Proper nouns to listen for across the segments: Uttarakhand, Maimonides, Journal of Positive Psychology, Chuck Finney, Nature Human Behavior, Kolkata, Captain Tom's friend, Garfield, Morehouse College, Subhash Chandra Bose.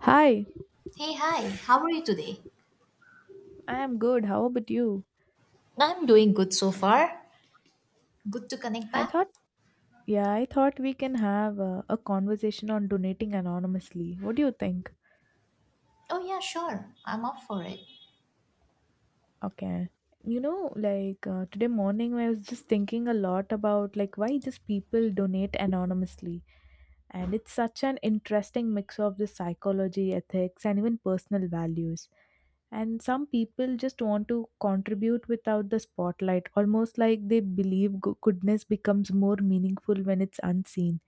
Hi, Hey, hi, how are you today? I am good. How about you? I'm doing good so far. Good to connect I back? thought, yeah, I thought we can have a conversation on donating anonymously. What do you think? Oh, yeah, sure. I'm up for it. Okay. Today morning, I was just thinking a lot about like why just people donate anonymously, and it's such an interesting mix of the psychology, ethics, and even personal values. And some people just want to contribute without the spotlight, almost like they believe goodness becomes more meaningful when it's unseen.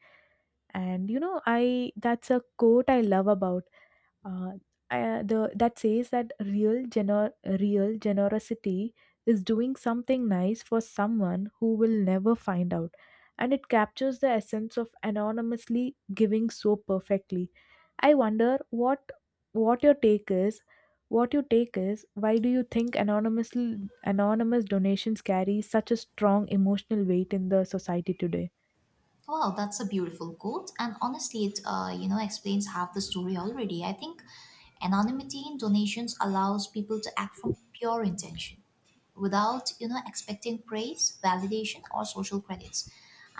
And you know, I that's a quote I love about. uh, the that says that real generosity is doing something nice for someone who will never find out, and it captures the essence of anonymously giving so perfectly. I wonder what your take is. Why do you think anonymous donations carry such a strong emotional weight in the society today? Wow, that's a beautiful quote, and honestly, it explains half the story already. I think anonymity in donations allows people to act from pure intention, without expecting praise, validation, or social credits.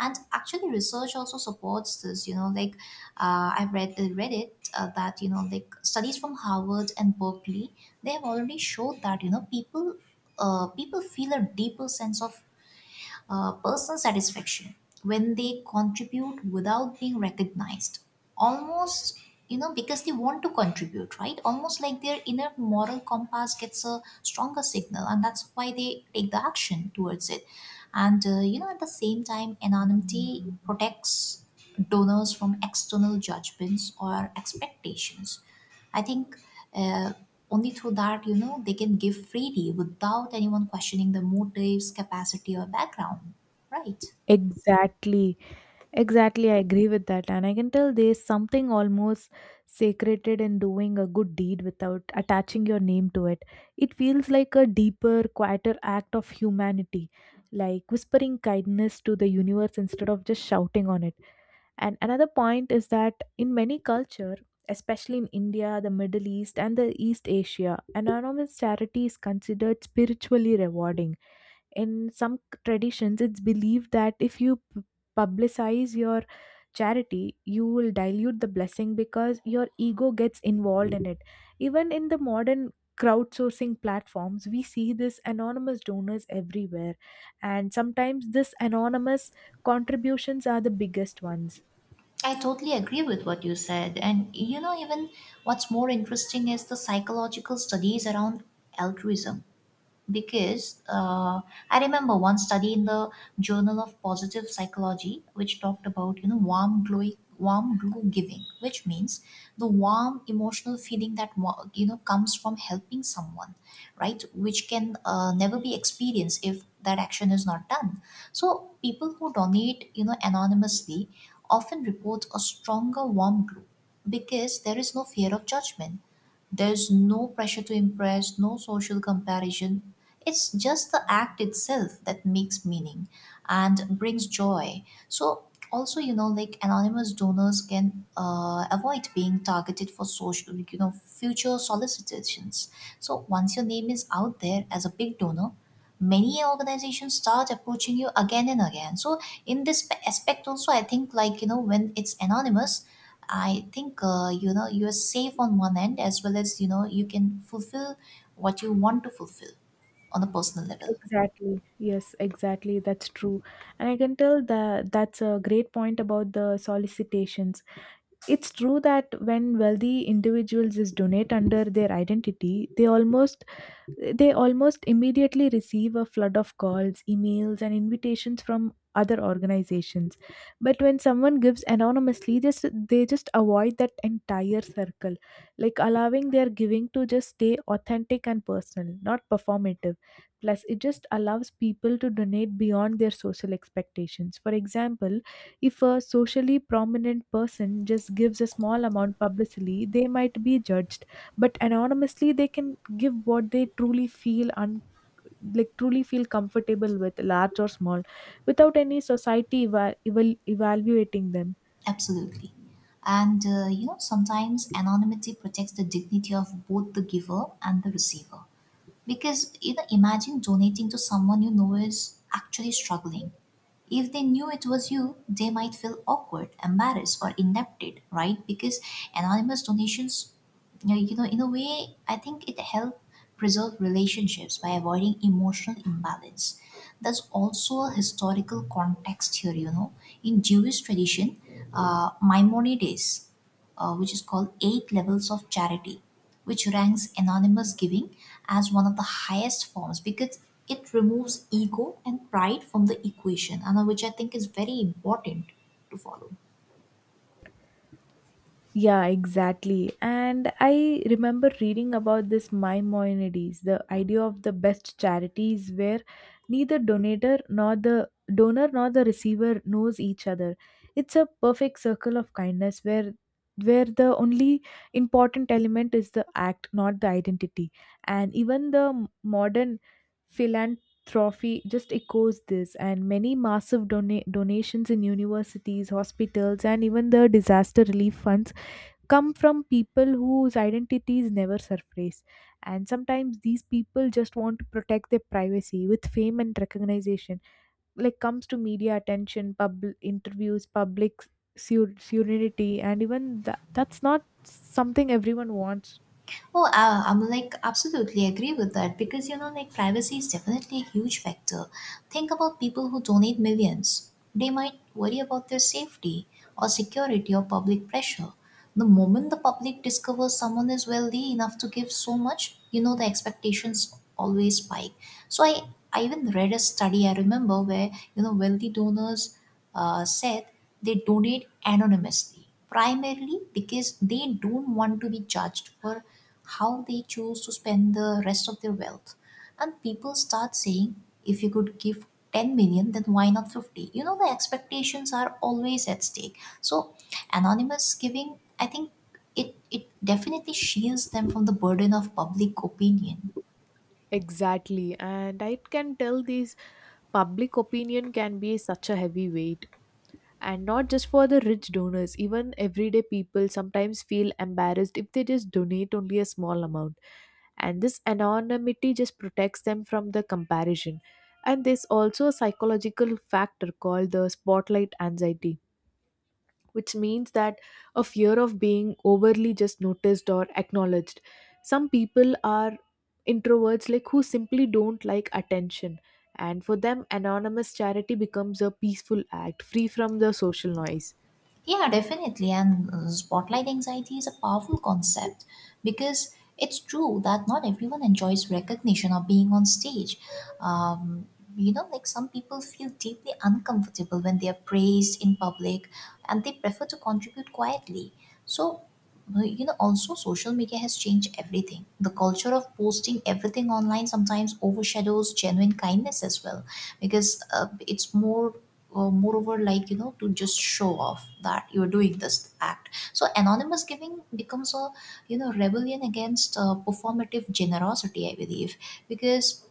And actually, research also supports this. You know, like I've read it that like studies from Harvard and Berkeley they have already showed that people people feel a deeper sense of personal satisfaction when they contribute without being recognized, almost because they want to contribute, right? Almost like their inner moral compass gets a stronger signal, and that's why they take the action towards it. And you know, at the same time, anonymity protects donors from external judgments or expectations. I think uh, only through that, you know, they can give freely without anyone questioning the motives, capacity, or background. Right. exactly Exactly I agree with that. And I can tell there's something almost sacred in doing a good deed without attaching your name to it. It feels like a deeper, quieter act of humanity, like whispering kindness to the universe instead of just shouting on it. And another point is that in many culture, especially in India, the Middle East, and the East Asia, anonymous charity is considered spiritually rewarding. Traditions it's believed that if you publicize your charity, you will dilute the blessing because your ego gets involved in it. Even in the modern crowdsourcing platforms, we see this anonymous donors everywhere, and sometimes this anonymous contributions are the biggest ones. I totally agree with what you said. And, you know, even what's more interesting is the psychological studies around altruism. Because I remember one study in the Journal of Positive Psychology which talked about, you know, warm glow, warm glue giving, which means the warm emotional feeling that you know, comes from helping someone, right? Which can never be experienced if that action is not done. So people who donate, you know, anonymously often report a stronger warm glue because there is no fear of judgment, there's no pressure to impress, no social comparison. It's just the act itself that makes meaning and brings joy. So, also, you know, like anonymous donors can avoid being targeted for social, like, you know, future solicitations. So, once your name is out there as a big donor, many organizations start approaching you again and again. So, in this aspect, also, I think, like, you know, when it's anonymous, I think, you know, you're safe on one end as well as, you know, you can fulfill what you want to fulfill on a personal level. Exactly, yes, exactly, that's true. And I can tell that that's a great point about the solicitations. It's true that when wealthy individuals is donate under their identity, they almost immediately receive a flood of calls, emails, and invitations from other organizations. But when someone gives anonymously, just they just avoid that entire circle, like allowing their giving to just stay authentic and personal, not performative. Plus, it just allows people to donate beyond their social expectations. For example, if a socially prominent person just gives a small amount publicly, they might be judged, but anonymously they can give what they like truly feel comfortable with, large or small, without any society evaluating them. Absolutely. And you know, sometimes anonymity protects the dignity of both the giver and the receiver. Because, you know, imagine donating to someone you know is actually struggling. If they knew it was you, they might feel awkward, embarrassed, or indebted, right? Because anonymous donations, in a way, I think it helps preserve relationships by avoiding emotional imbalance. There's also a historical context here, you know. In Jewish tradition, Maimonides, which is called Eight Levels of Charity, which ranks anonymous giving as one of the highest forms because it removes ego and pride from the equation, and which I think is very important to follow. Yeah, exactly. And I remember reading about this Maimonides, the idea of the best charities where neither donator nor the donor nor the receiver knows each other. It's a perfect circle of kindness where the only important element is the act, not the identity. And even the modern philanthropy just echoes this, and many massive donations in universities, hospitals, and even the disaster relief funds come from people whose identities never surface. And sometimes these people just want to protect their privacy with fame and recognition, like comes to media attention, public interviews, public serenity, and even that, that's not something everyone wants. Oh, I'm like absolutely agree with that because, you know, like privacy is definitely a huge factor. Think about people who donate millions. They might worry about their safety or security or public pressure. The moment the public discovers someone is wealthy enough to give so much, you know, the expectations always spike. So I even read a study, I remember, where, you know, wealthy donors said they donate anonymously, primarily because they don't want to be judged for how they choose to spend the rest of their wealth. And people start saying, if you could give 10 million, then why not 50? You know, the expectations are always at stake. So, anonymous giving, I think it definitely shields them from the burden of public opinion. Exactly, and I can tell this public opinion can be such a heavy weight. And not just for the rich donors, even everyday people sometimes feel embarrassed if they just donate only a small amount, and this anonymity just protects them from the comparison. And there's also a psychological factor called the spotlight anxiety, which means that a fear of being overly just noticed or acknowledged. Some people are introverts, like who simply don't like attention, and for them anonymous charity becomes a peaceful act free from the social noise. Yeah, definitely. And spotlight anxiety is a powerful concept because it's true that not everyone enjoys recognition or being on stage. Um, you know, like some people feel deeply uncomfortable when they are praised in public, and they prefer to contribute quietly. So, you know, also social media has changed everything. The culture of posting everything online sometimes overshadows genuine kindness as well, because it's more moreover, like, you know, to just show off that you're doing this act. So anonymous giving becomes a, you know, rebellion against performative generosity, I believe, because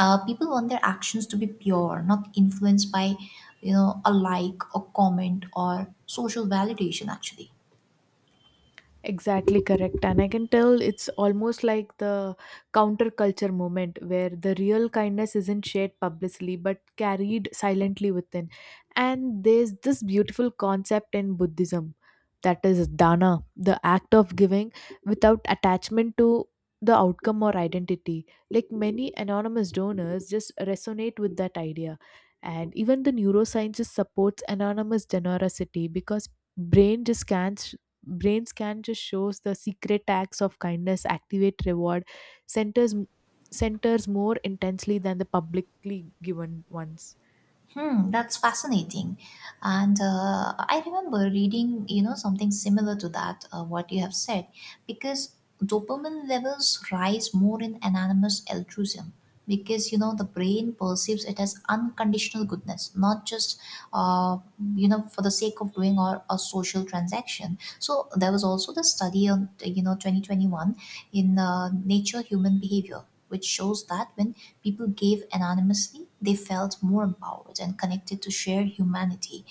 people want their actions to be pure, not influenced by, you know, a, like, a comment or social validation, actually. Exactly correct. And I can tell it's almost like the counterculture moment where the real kindness isn't shared publicly but carried silently within. And there's this beautiful concept in Buddhism that is dana, the act of giving without attachment to the outcome or identity. Like many anonymous donors just resonate with that idea. And even the neurosciences supports anonymous generosity because brain just scans brain scan just shows the secret acts of kindness activate reward centers centers more intensely than the publicly given ones. Hmm, that's fascinating. And I remember reading, you know, something similar to that, what you have said, because dopamine levels rise more in anonymous altruism because, you know, the brain perceives it as unconditional goodness, not just, uh, you know, for the sake of doing or a social transaction. So there was also the study on, you know, 2021 in Nature Human Behavior, which shows that when people gave anonymously, they felt more empowered and connected to shared humanity.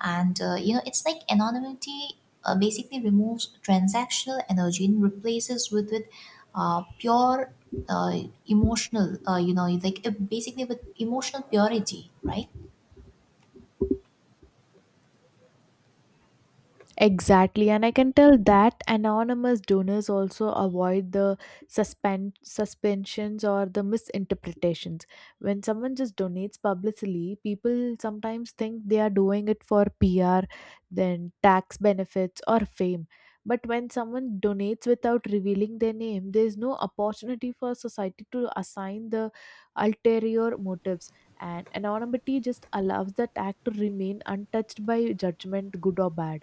And, you know, it's like anonymity basically removes transactional energy and replaces with pure uh, emotional, basically with emotional purity, right? Exactly, and I can tell that anonymous donors also avoid the suspend suspensions or the misinterpretations. When someone just donates publicly, people sometimes think they are doing it for PR, then tax benefits or fame. But when someone donates without revealing their name, there is no opportunity for society to assign the ulterior motives. And anonymity just allows that act to remain untouched by judgment, good or bad.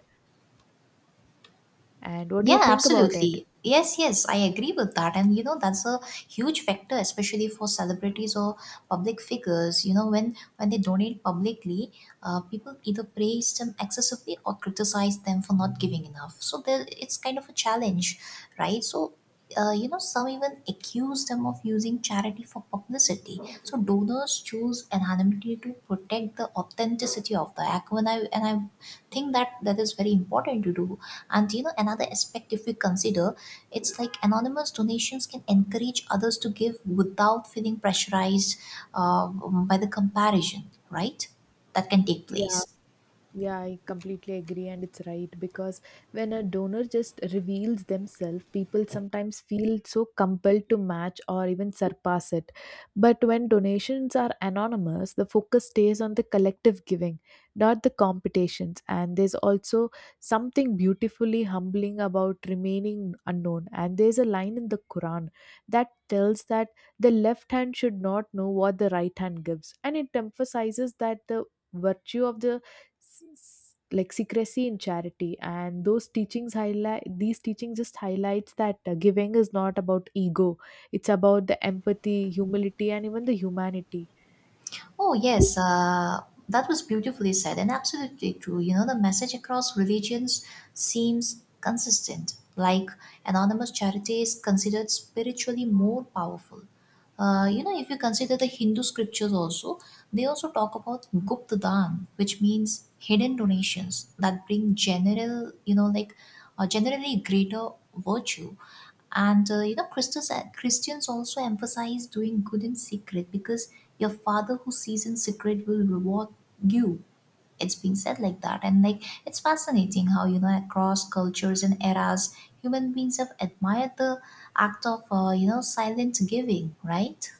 And what do you Yeah, think about it? absolutely. Yes, yes, I agree with that. And you know, that's a huge factor, especially for celebrities or public figures. You know, when they donate publicly, people either praise them excessively or criticize them for not giving enough. So there, it's kind of a challenge, right? So. You know, some even accuse them of using charity for publicity. So donors choose anonymity to protect the authenticity of the act, and I think that that is very important to do. And you know, another aspect, if we consider, it's like anonymous donations can encourage others to give without feeling pressurized by the comparison, right, that can take Yeah, place. Yeah, I completely agree, and it's right because when a donor just reveals themselves, people sometimes feel so compelled to match or even surpass it. But when donations are anonymous, the focus stays on the collective giving, not the competitions. And there's also something beautifully humbling about remaining unknown. And there's a line in the Quran that tells that the left hand should not know what the right hand gives, and it emphasizes that the virtue of the like secrecy in charity. And those teachings highlight these teachings just highlights that giving is not about ego, it's about the empathy, humility, and even the humanity. Oh, yes, that was beautifully said and absolutely true. You know, the message across religions seems consistent, like anonymous charity is considered spiritually more powerful. You know, if you consider the Hindu scriptures also, they also talk about Gupta Dhan, which means hidden donations that bring general, you know, like, generally greater virtue. And you know, Christians also emphasize doing good in secret because your father who sees in secret will reward you. It's been said like that. And like, it's fascinating how, you know, across cultures and eras, human beings have admired the act of, you know, silent giving, right?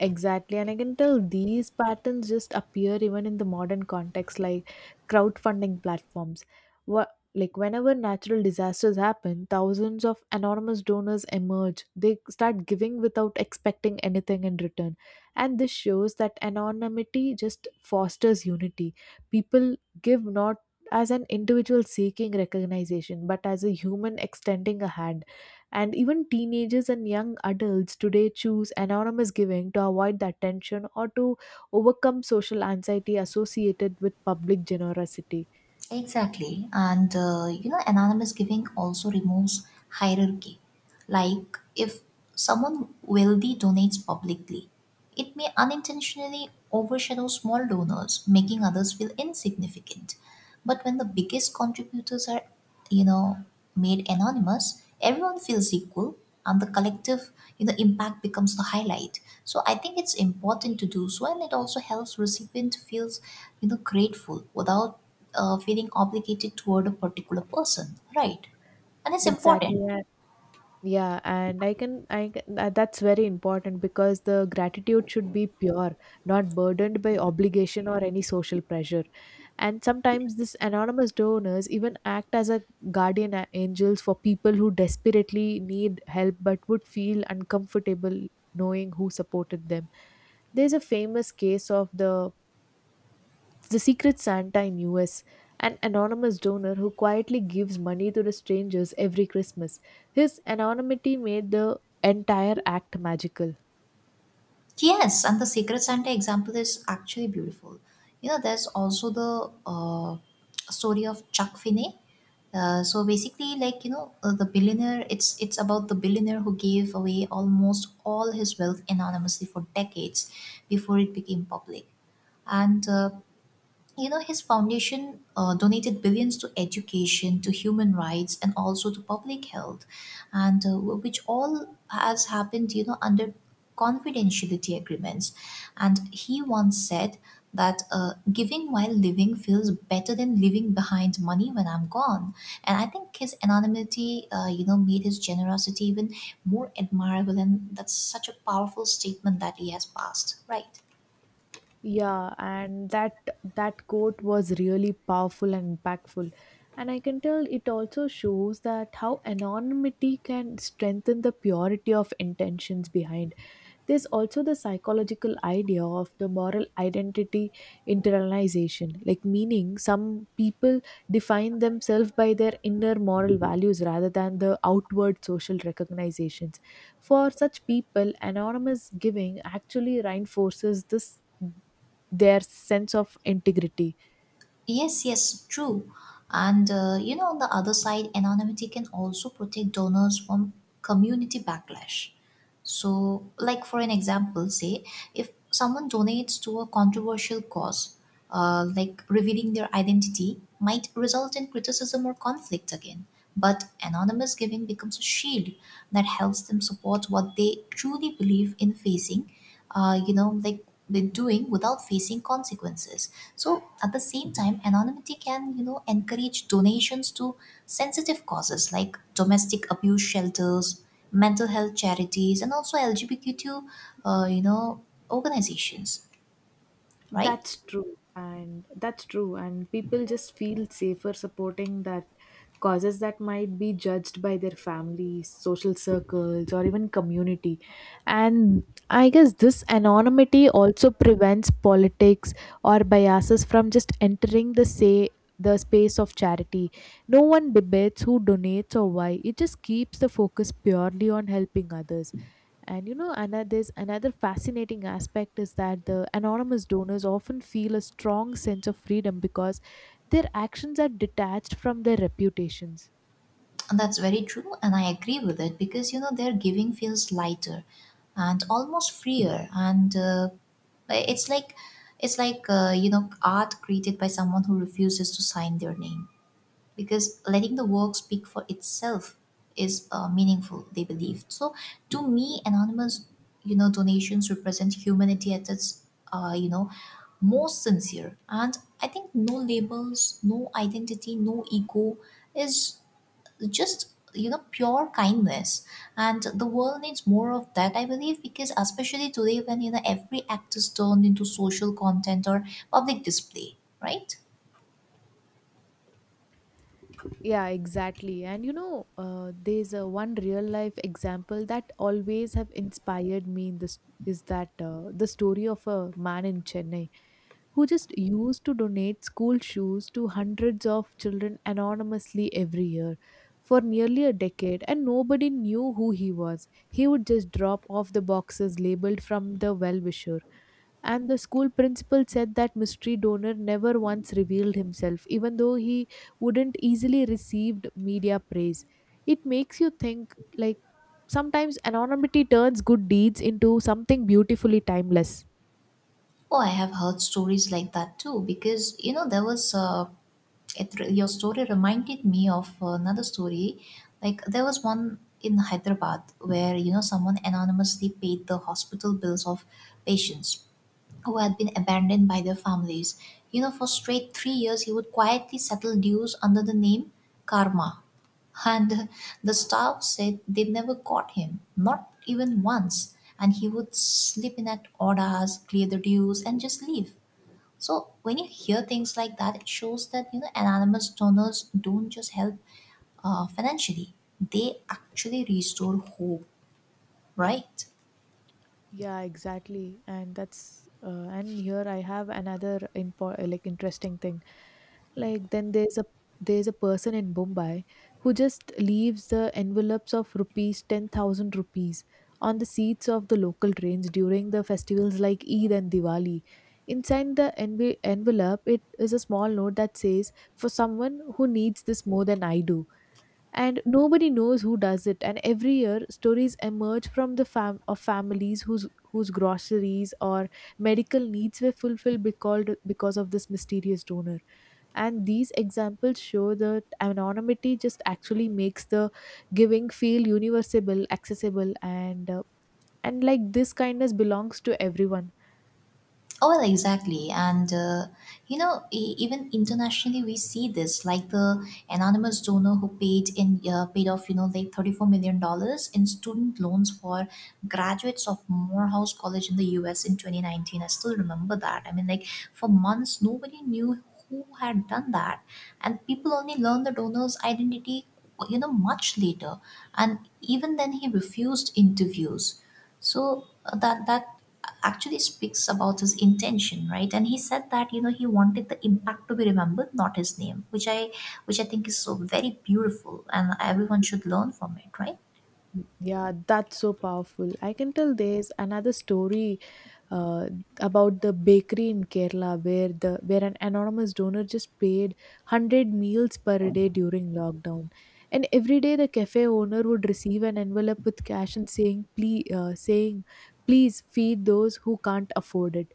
Exactly. And I can tell these patterns just appear even in the modern context, like crowdfunding platforms. What Like whenever natural disasters happen, thousands of anonymous donors emerge. They start giving without expecting anything in return. And this shows that anonymity just fosters unity. People give not as an individual seeking recognition, but as a human extending a hand. And even teenagers and young adults today choose anonymous giving to avoid that tension or to overcome social anxiety associated with public generosity. Exactly. And you know, anonymous giving also removes hierarchy. Like if someone wealthy donates publicly, it may unintentionally overshadow small donors, making others feel insignificant. But when the biggest contributors are, you know, made anonymous, everyone feels equal, and the collective, you know, impact becomes the highlight. So I think it's important to do so, and it also helps recipient feels, you know, grateful without feeling obligated toward a particular person, right? And it's Exactly. important. Yeah, and that's very important because the gratitude should be pure, not burdened by obligation or any social pressure. And sometimes these anonymous donors even act as a guardian angels for people who desperately need help but would feel uncomfortable knowing who supported them. There's a famous case of the Secret Santa in US, an anonymous donor who quietly gives money to the strangers every Christmas. His anonymity made the entire act magical. Yes, and the Secret Santa example is actually beautiful. You know, there's also the story of Chuck Finney. So basically, like you know, the billionaire. It's about the billionaire who gave away almost all his wealth anonymously for decades before it became public. And you know, his foundation donated billions to education, to human rights, and also to public health, and which all has happened, you know, under confidentiality agreements. And he once said that, giving while living feels better than leaving behind money when I'm gone. And I think his anonymity, you know, made his generosity even more admirable, and that's such a powerful statement that he has passed, right? Yeah, and that quote was really powerful and impactful. And I can tell it also shows that how anonymity can strengthen the purity of intentions behind. There's also the psychological idea of the moral identity internalization, like meaning some people define themselves by their inner moral values rather than the outward social recognizations. For such people, anonymous giving actually reinforces this their sense of integrity. Yes, yes, true. And you know, on the other side, anonymity can also protect donors from community backlash. So, like for an example, say if someone donates to a controversial cause, like revealing their identity might result in criticism or conflict again. But anonymous giving becomes a shield that helps them support what they truly believe in facing, you know, like they're doing without facing consequences. So at the same time, anonymity can, you know, encourage donations to sensitive causes like domestic abuse shelters, mental health charities, and also LGBTQ, you know, organizations, right? That's true. And people just feel safer supporting that causes that might be judged by their families, social circles, or even community. And I guess this anonymity also prevents politics or biases from just entering the space of charity. No one debates who donates or why. It just keeps the focus purely on helping others. And you know, another there's another fascinating aspect is that the anonymous donors often feel a strong sense of freedom because their actions are detached from their reputations. And that's very true, and I agree with it because you know their giving feels lighter and almost freer, and it's like it's like you know, art created by someone who refuses to sign their name because letting the work speak for itself is meaningful. They believe so. To me, anonymous donations represent humanity at its uh, you know most sincere, and I think no labels, no identity, no ego is just pure kindness. And the world needs more of that, I believe, because especially today when every act is turned into social content or public display, right? Yeah, exactly. And you know, there's a one real life example that always have inspired me in this is that the story of a man in Chennai who just used to donate school shoes to hundreds of children anonymously every year. For nearly a decade, and nobody knew who he was. He would just drop off the boxes labeled from the well wisher. And the school principal said that mystery donor never once revealed himself, even though he wouldn't easily received media praise. It makes you think like sometimes anonymity turns good deeds into something beautifully timeless. Oh, I have heard stories like that too, because you know there was it, your story reminded me of another story. Like there was one in Hyderabad where someone anonymously paid the hospital bills of patients who had been abandoned by their families. You know, for straight 3 years, he would quietly settle dues under the name Karma. And the staff said they never caught him, not even once. And he would slip in at odd hours, clear the dues, and just leave. So when you hear things like that, it shows that anonymous donors don't just help financially; they actually restore hope, right? Yeah, exactly. And that's and here I have another impo like interesting thing. Like then there's a person in Mumbai who just leaves the envelopes of rupees 10,000 rupees on the seats of the local trains during the festivals like Eid and Diwali. Inside the envelope, it is a small note that says, "For someone who needs this more than I do." And nobody knows who does it, and every year stories emerge from the fam- of families whose groceries or medical needs were fulfilled because of this mysterious donor. And these examples show that anonymity just actually makes the giving feel universal, accessible, and like this kindness belongs to everyone. Oh, well, exactly. And even internationally, we see this, like the anonymous donor who paid off, like $34 million dollars in student loans for graduates of Morehouse College in the US in 2019. I still remember that. I mean, like, for months, nobody knew who had done that. And people only learned the donor's identity, you know, much later. And even then, he refused interviews, so that actually speaks about his intention, right? And he said that he wanted the impact to be remembered, not his name, which I think is so very beautiful, and everyone should learn from it, right? Yeah, that's so powerful. I can tell there's another story uh, about the bakery in Kerala where an anonymous donor just paid 100 meals per day during lockdown. And every day the cafe owner would receive an envelope with cash and saying please feed those who can't afford it.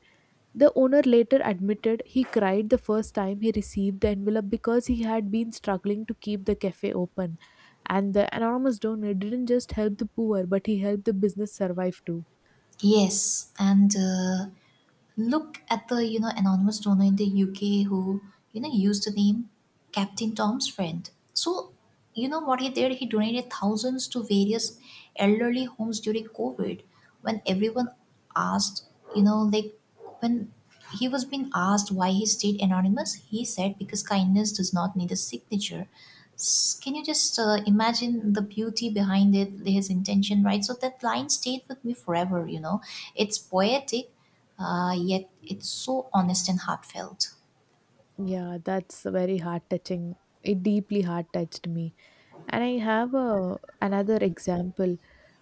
The owner later admitted he cried the first time he received the envelope because he had been struggling to keep the cafe open. And the anonymous donor didn't just help the poor, but he helped the business survive too. Yes, and look at the anonymous donor in the UK who used the name Captain Tom's friend. So you know what he did? He donated thousands to various elderly homes during COVID when everyone asked, you know, like when he was being asked why he stayed anonymous. He said because kindness does not need a signature. Can you just imagine the beauty behind it, his intention, right? So that line stayed with me forever. You know, it's poetic, yet it's so honest and heartfelt. Yeah, that's very heart touching. It deeply heart touched me. And I have another example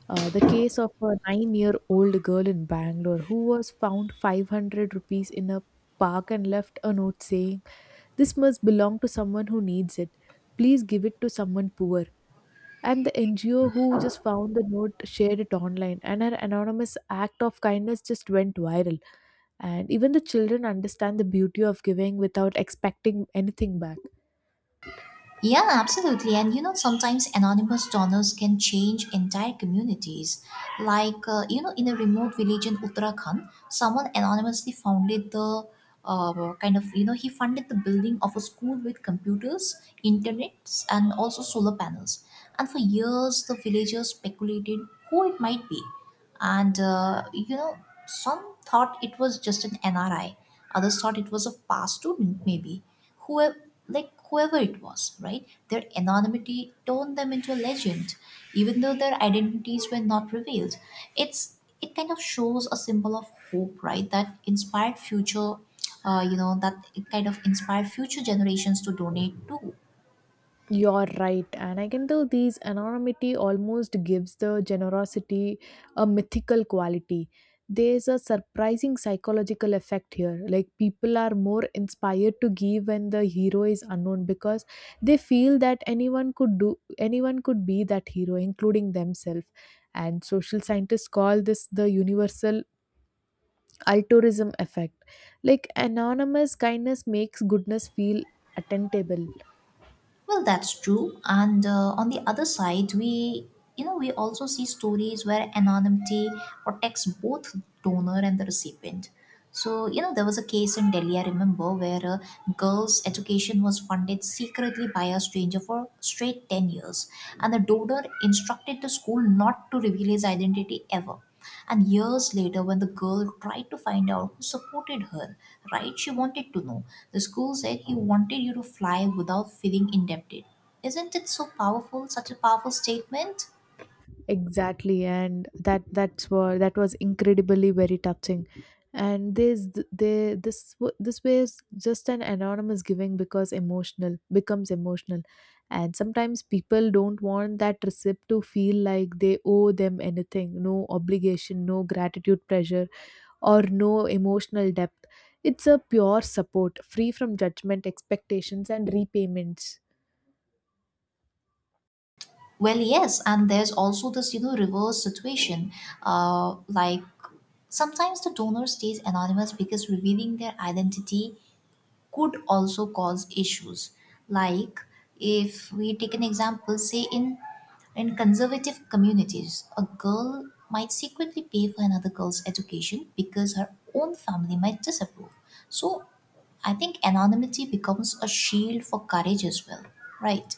the case of a 9 year old girl in Bangalore who was found 500 rupees in a park and left a note saying, "This must belong to someone who needs it. Please give it to someone poor." And the NGO who just found the note shared it online, and her anonymous act of kindness just went viral. And even the children understand the beauty of giving without expecting anything back. Yeah, absolutely. And you know, sometimes anonymous donors can change entire communities. Like, in a remote village in Uttarakhand, someone anonymously founded the he funded the building of a school with computers, internets, and also solar panels. And for years, the villagers speculated who it might be. And some thought it was just an NRI, others thought it was a past student maybe. whoever Whoever it was, right, their anonymity turned them into a legend. Even though their identities were not revealed, it kind of shows a symbol of hope, right, that inspired future you know that it kind of inspired future generations to donate too. You're right, and I can tell these anonymity almost gives the generosity a mythical quality. There's a surprising psychological effect here. Like, people are more inspired to give when the hero is unknown because they feel that anyone could be that hero, including themselves. And social scientists call this the universal altruism effect. Like anonymous kindness makes goodness feel attainable. Well, that's true. And on the other side, we you know we also see stories where anonymity protects both donor and the recipient. So there was a case in Delhi I remember where a girl's education was funded secretly by a stranger for straight 10 years, and the donor instructed the school not to reveal his identity ever. And years later, when the girl tried to find out who supported her, right, she wanted to know. The school said he wanted you to fly without feeling indebted. Isn't it so powerful, such a powerful statement? Exactly, and that that's what that was incredibly very touching. And this they this w- this was just an anonymous giving because emotional. And sometimes people don't want that receipt to feel like they owe them anything, no obligation, no gratitude pressure, or no emotional depth. It's a pure support, free from judgment, expectations, and repayments. Well, yes, and there's also this, you know, reverse situation. Uh, like Sometimes the donor stays anonymous because revealing their identity could also cause issues. Like, if we take an example, say in conservative communities, a girl might secretly pay for another girl's education because her own family might disapprove. So I think anonymity becomes a shield for courage as well, right?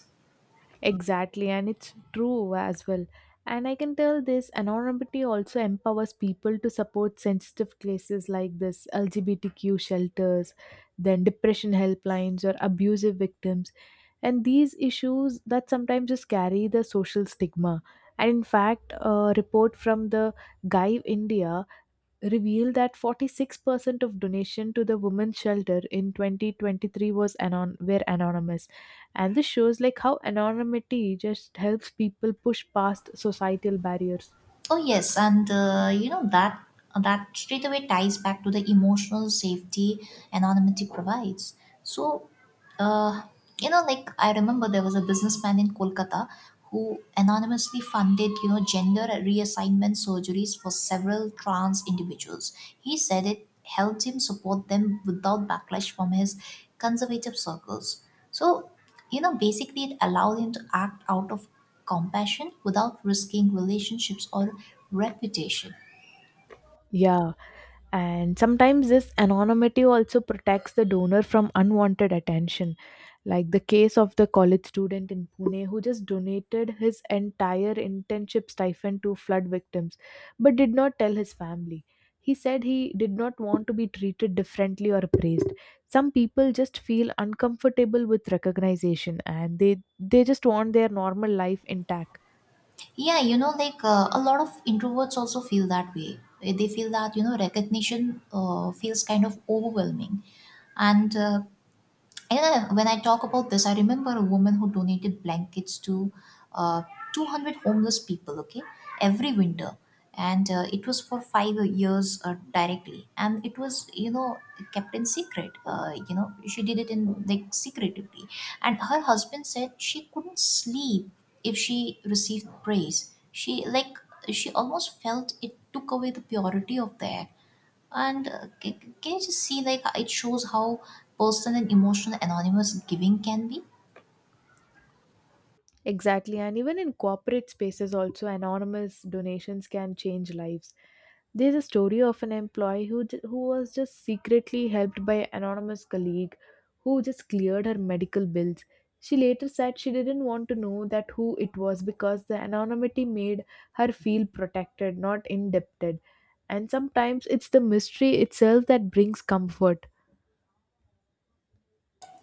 Exactly, and it's true as well. And I can tell this anonymity also empowers people to support sensitive cases like this LGBTQ shelters, then depression helplines or abusive victims, and these issues that sometimes just carry the social stigma. And in fact, a report from the guy india revealed that 46% of donation to the women's shelter in 2023 were anonymous. And this shows like how anonymity just helps people push past societal barriers. Oh yes, and that straight away ties back to the emotional safety anonymity provides. So, uh, I remember there was a businessman in Kolkata who anonymously funded gender reassignment surgeries for several trans individuals. He said it helped him support them without backlash from his conservative circles. So, you know, basically it allowed him to act out of compassion without risking relationships or reputation. Yeah, and sometimes this anonymity also protects the donor from unwanted attention, like the case of the college student in Pune who just donated his entire internship stipend to flood victims but did not tell his family. He said he did not want to be treated differently or praised. Some people just feel uncomfortable with recognition and they just want their normal life intact. Yeah, you know, like a lot of introverts also feel that way. They feel that, you know, recognition feels kind of overwhelming. And uh, And When I talk about this, I remember a woman who donated blankets to uh, 200 homeless people, okay, every winter. And it was for 5 years directly. And it was, you know, kept in secret. You know, she did it in like secretively. And her husband said she couldn't sleep if she received praise. She almost felt it took away the purity of the act. And can you just see, like, it shows how personal and emotional anonymous giving can be? Exactly, and even in corporate spaces, also anonymous donations can change lives. There's a story of an employee who was just secretly helped by an anonymous colleague who just cleared her medical bills. She later said she didn't want to know that who it was because the anonymity made her feel protected, not indebted. And sometimes it's the mystery itself that brings comfort.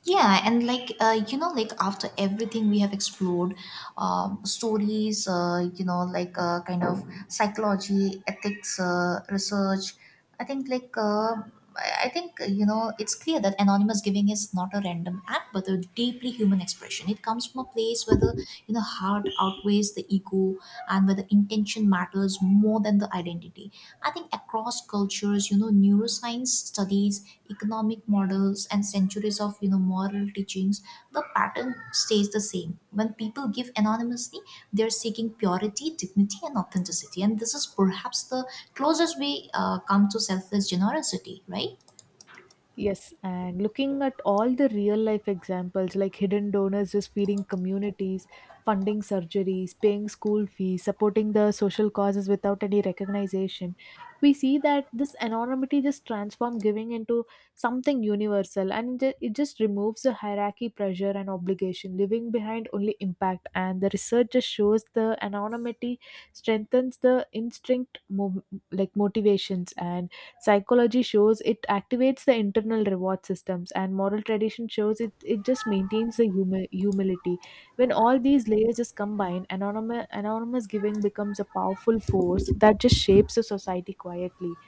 Yeah, and after everything we have explored, stories, psychology, ethics, research, i think like uh, I think you know, it's clear that anonymous giving is not a random act but a deeply human expression. It comes from a place where the heart outweighs the ego and where the intention matters more than the identity. I think across cultures, you know, neuroscience studies, economic models, and centuries of, you know, moral teachings, the pattern stays the same. When people give anonymously, they're seeking purity, dignity, and authenticity. And this is perhaps the closest we come to selfless generosity, right? Yes, and looking at all the real life examples like hidden donors just feeding communities, funding surgeries, paying school fees, supporting the social causes without any recognition, we see that this anonymity just transforms giving into something universal, and it just removes the hierarchy, pressure, and obligation, leaving behind only impact. And the research just shows the anonymity strengthens the instinct, like motivations. And psychology shows it activates the internal reward systems, and moral tradition shows it just maintains the humility. When all these layers just combine, anonymous giving becomes a powerful force that just shapes a society quietly.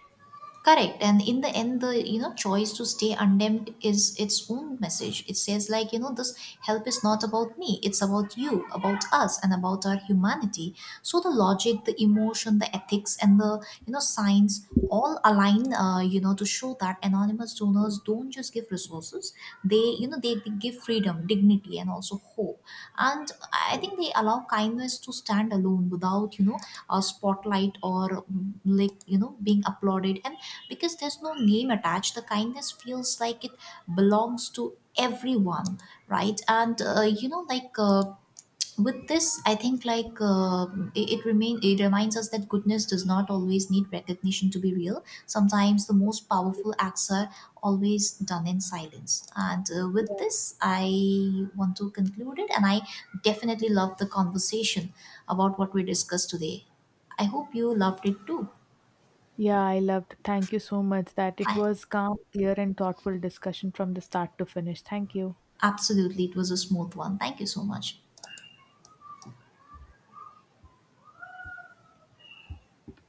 Correct. And in the end, the choice to stay undemned is its own message. It says, like, this help is not about me, it's about you, about us, and about our humanity. So the logic, the emotion, the ethics, and the science all align, to show that anonymous donors don't just give resources. They, they give freedom, dignity, and also hope. And I think they allow kindness to stand alone without, you know, a spotlight, or being applauded. And because there's no name attached, the kindness feels like it belongs to everyone, right? And With this, I think, it reminds us that goodness does not always need recognition to be real. Sometimes the most powerful acts are always done in silence. And with Yeah. this, I want to conclude it. And I definitely love the conversation about what we discussed today. I hope you loved it too. Yeah, I loved. Thank you so much. That it Bye. was calm, clear, and thoughtful discussion from the start to finish. Thank you. Absolutely, it was a smooth one. Thank you so much.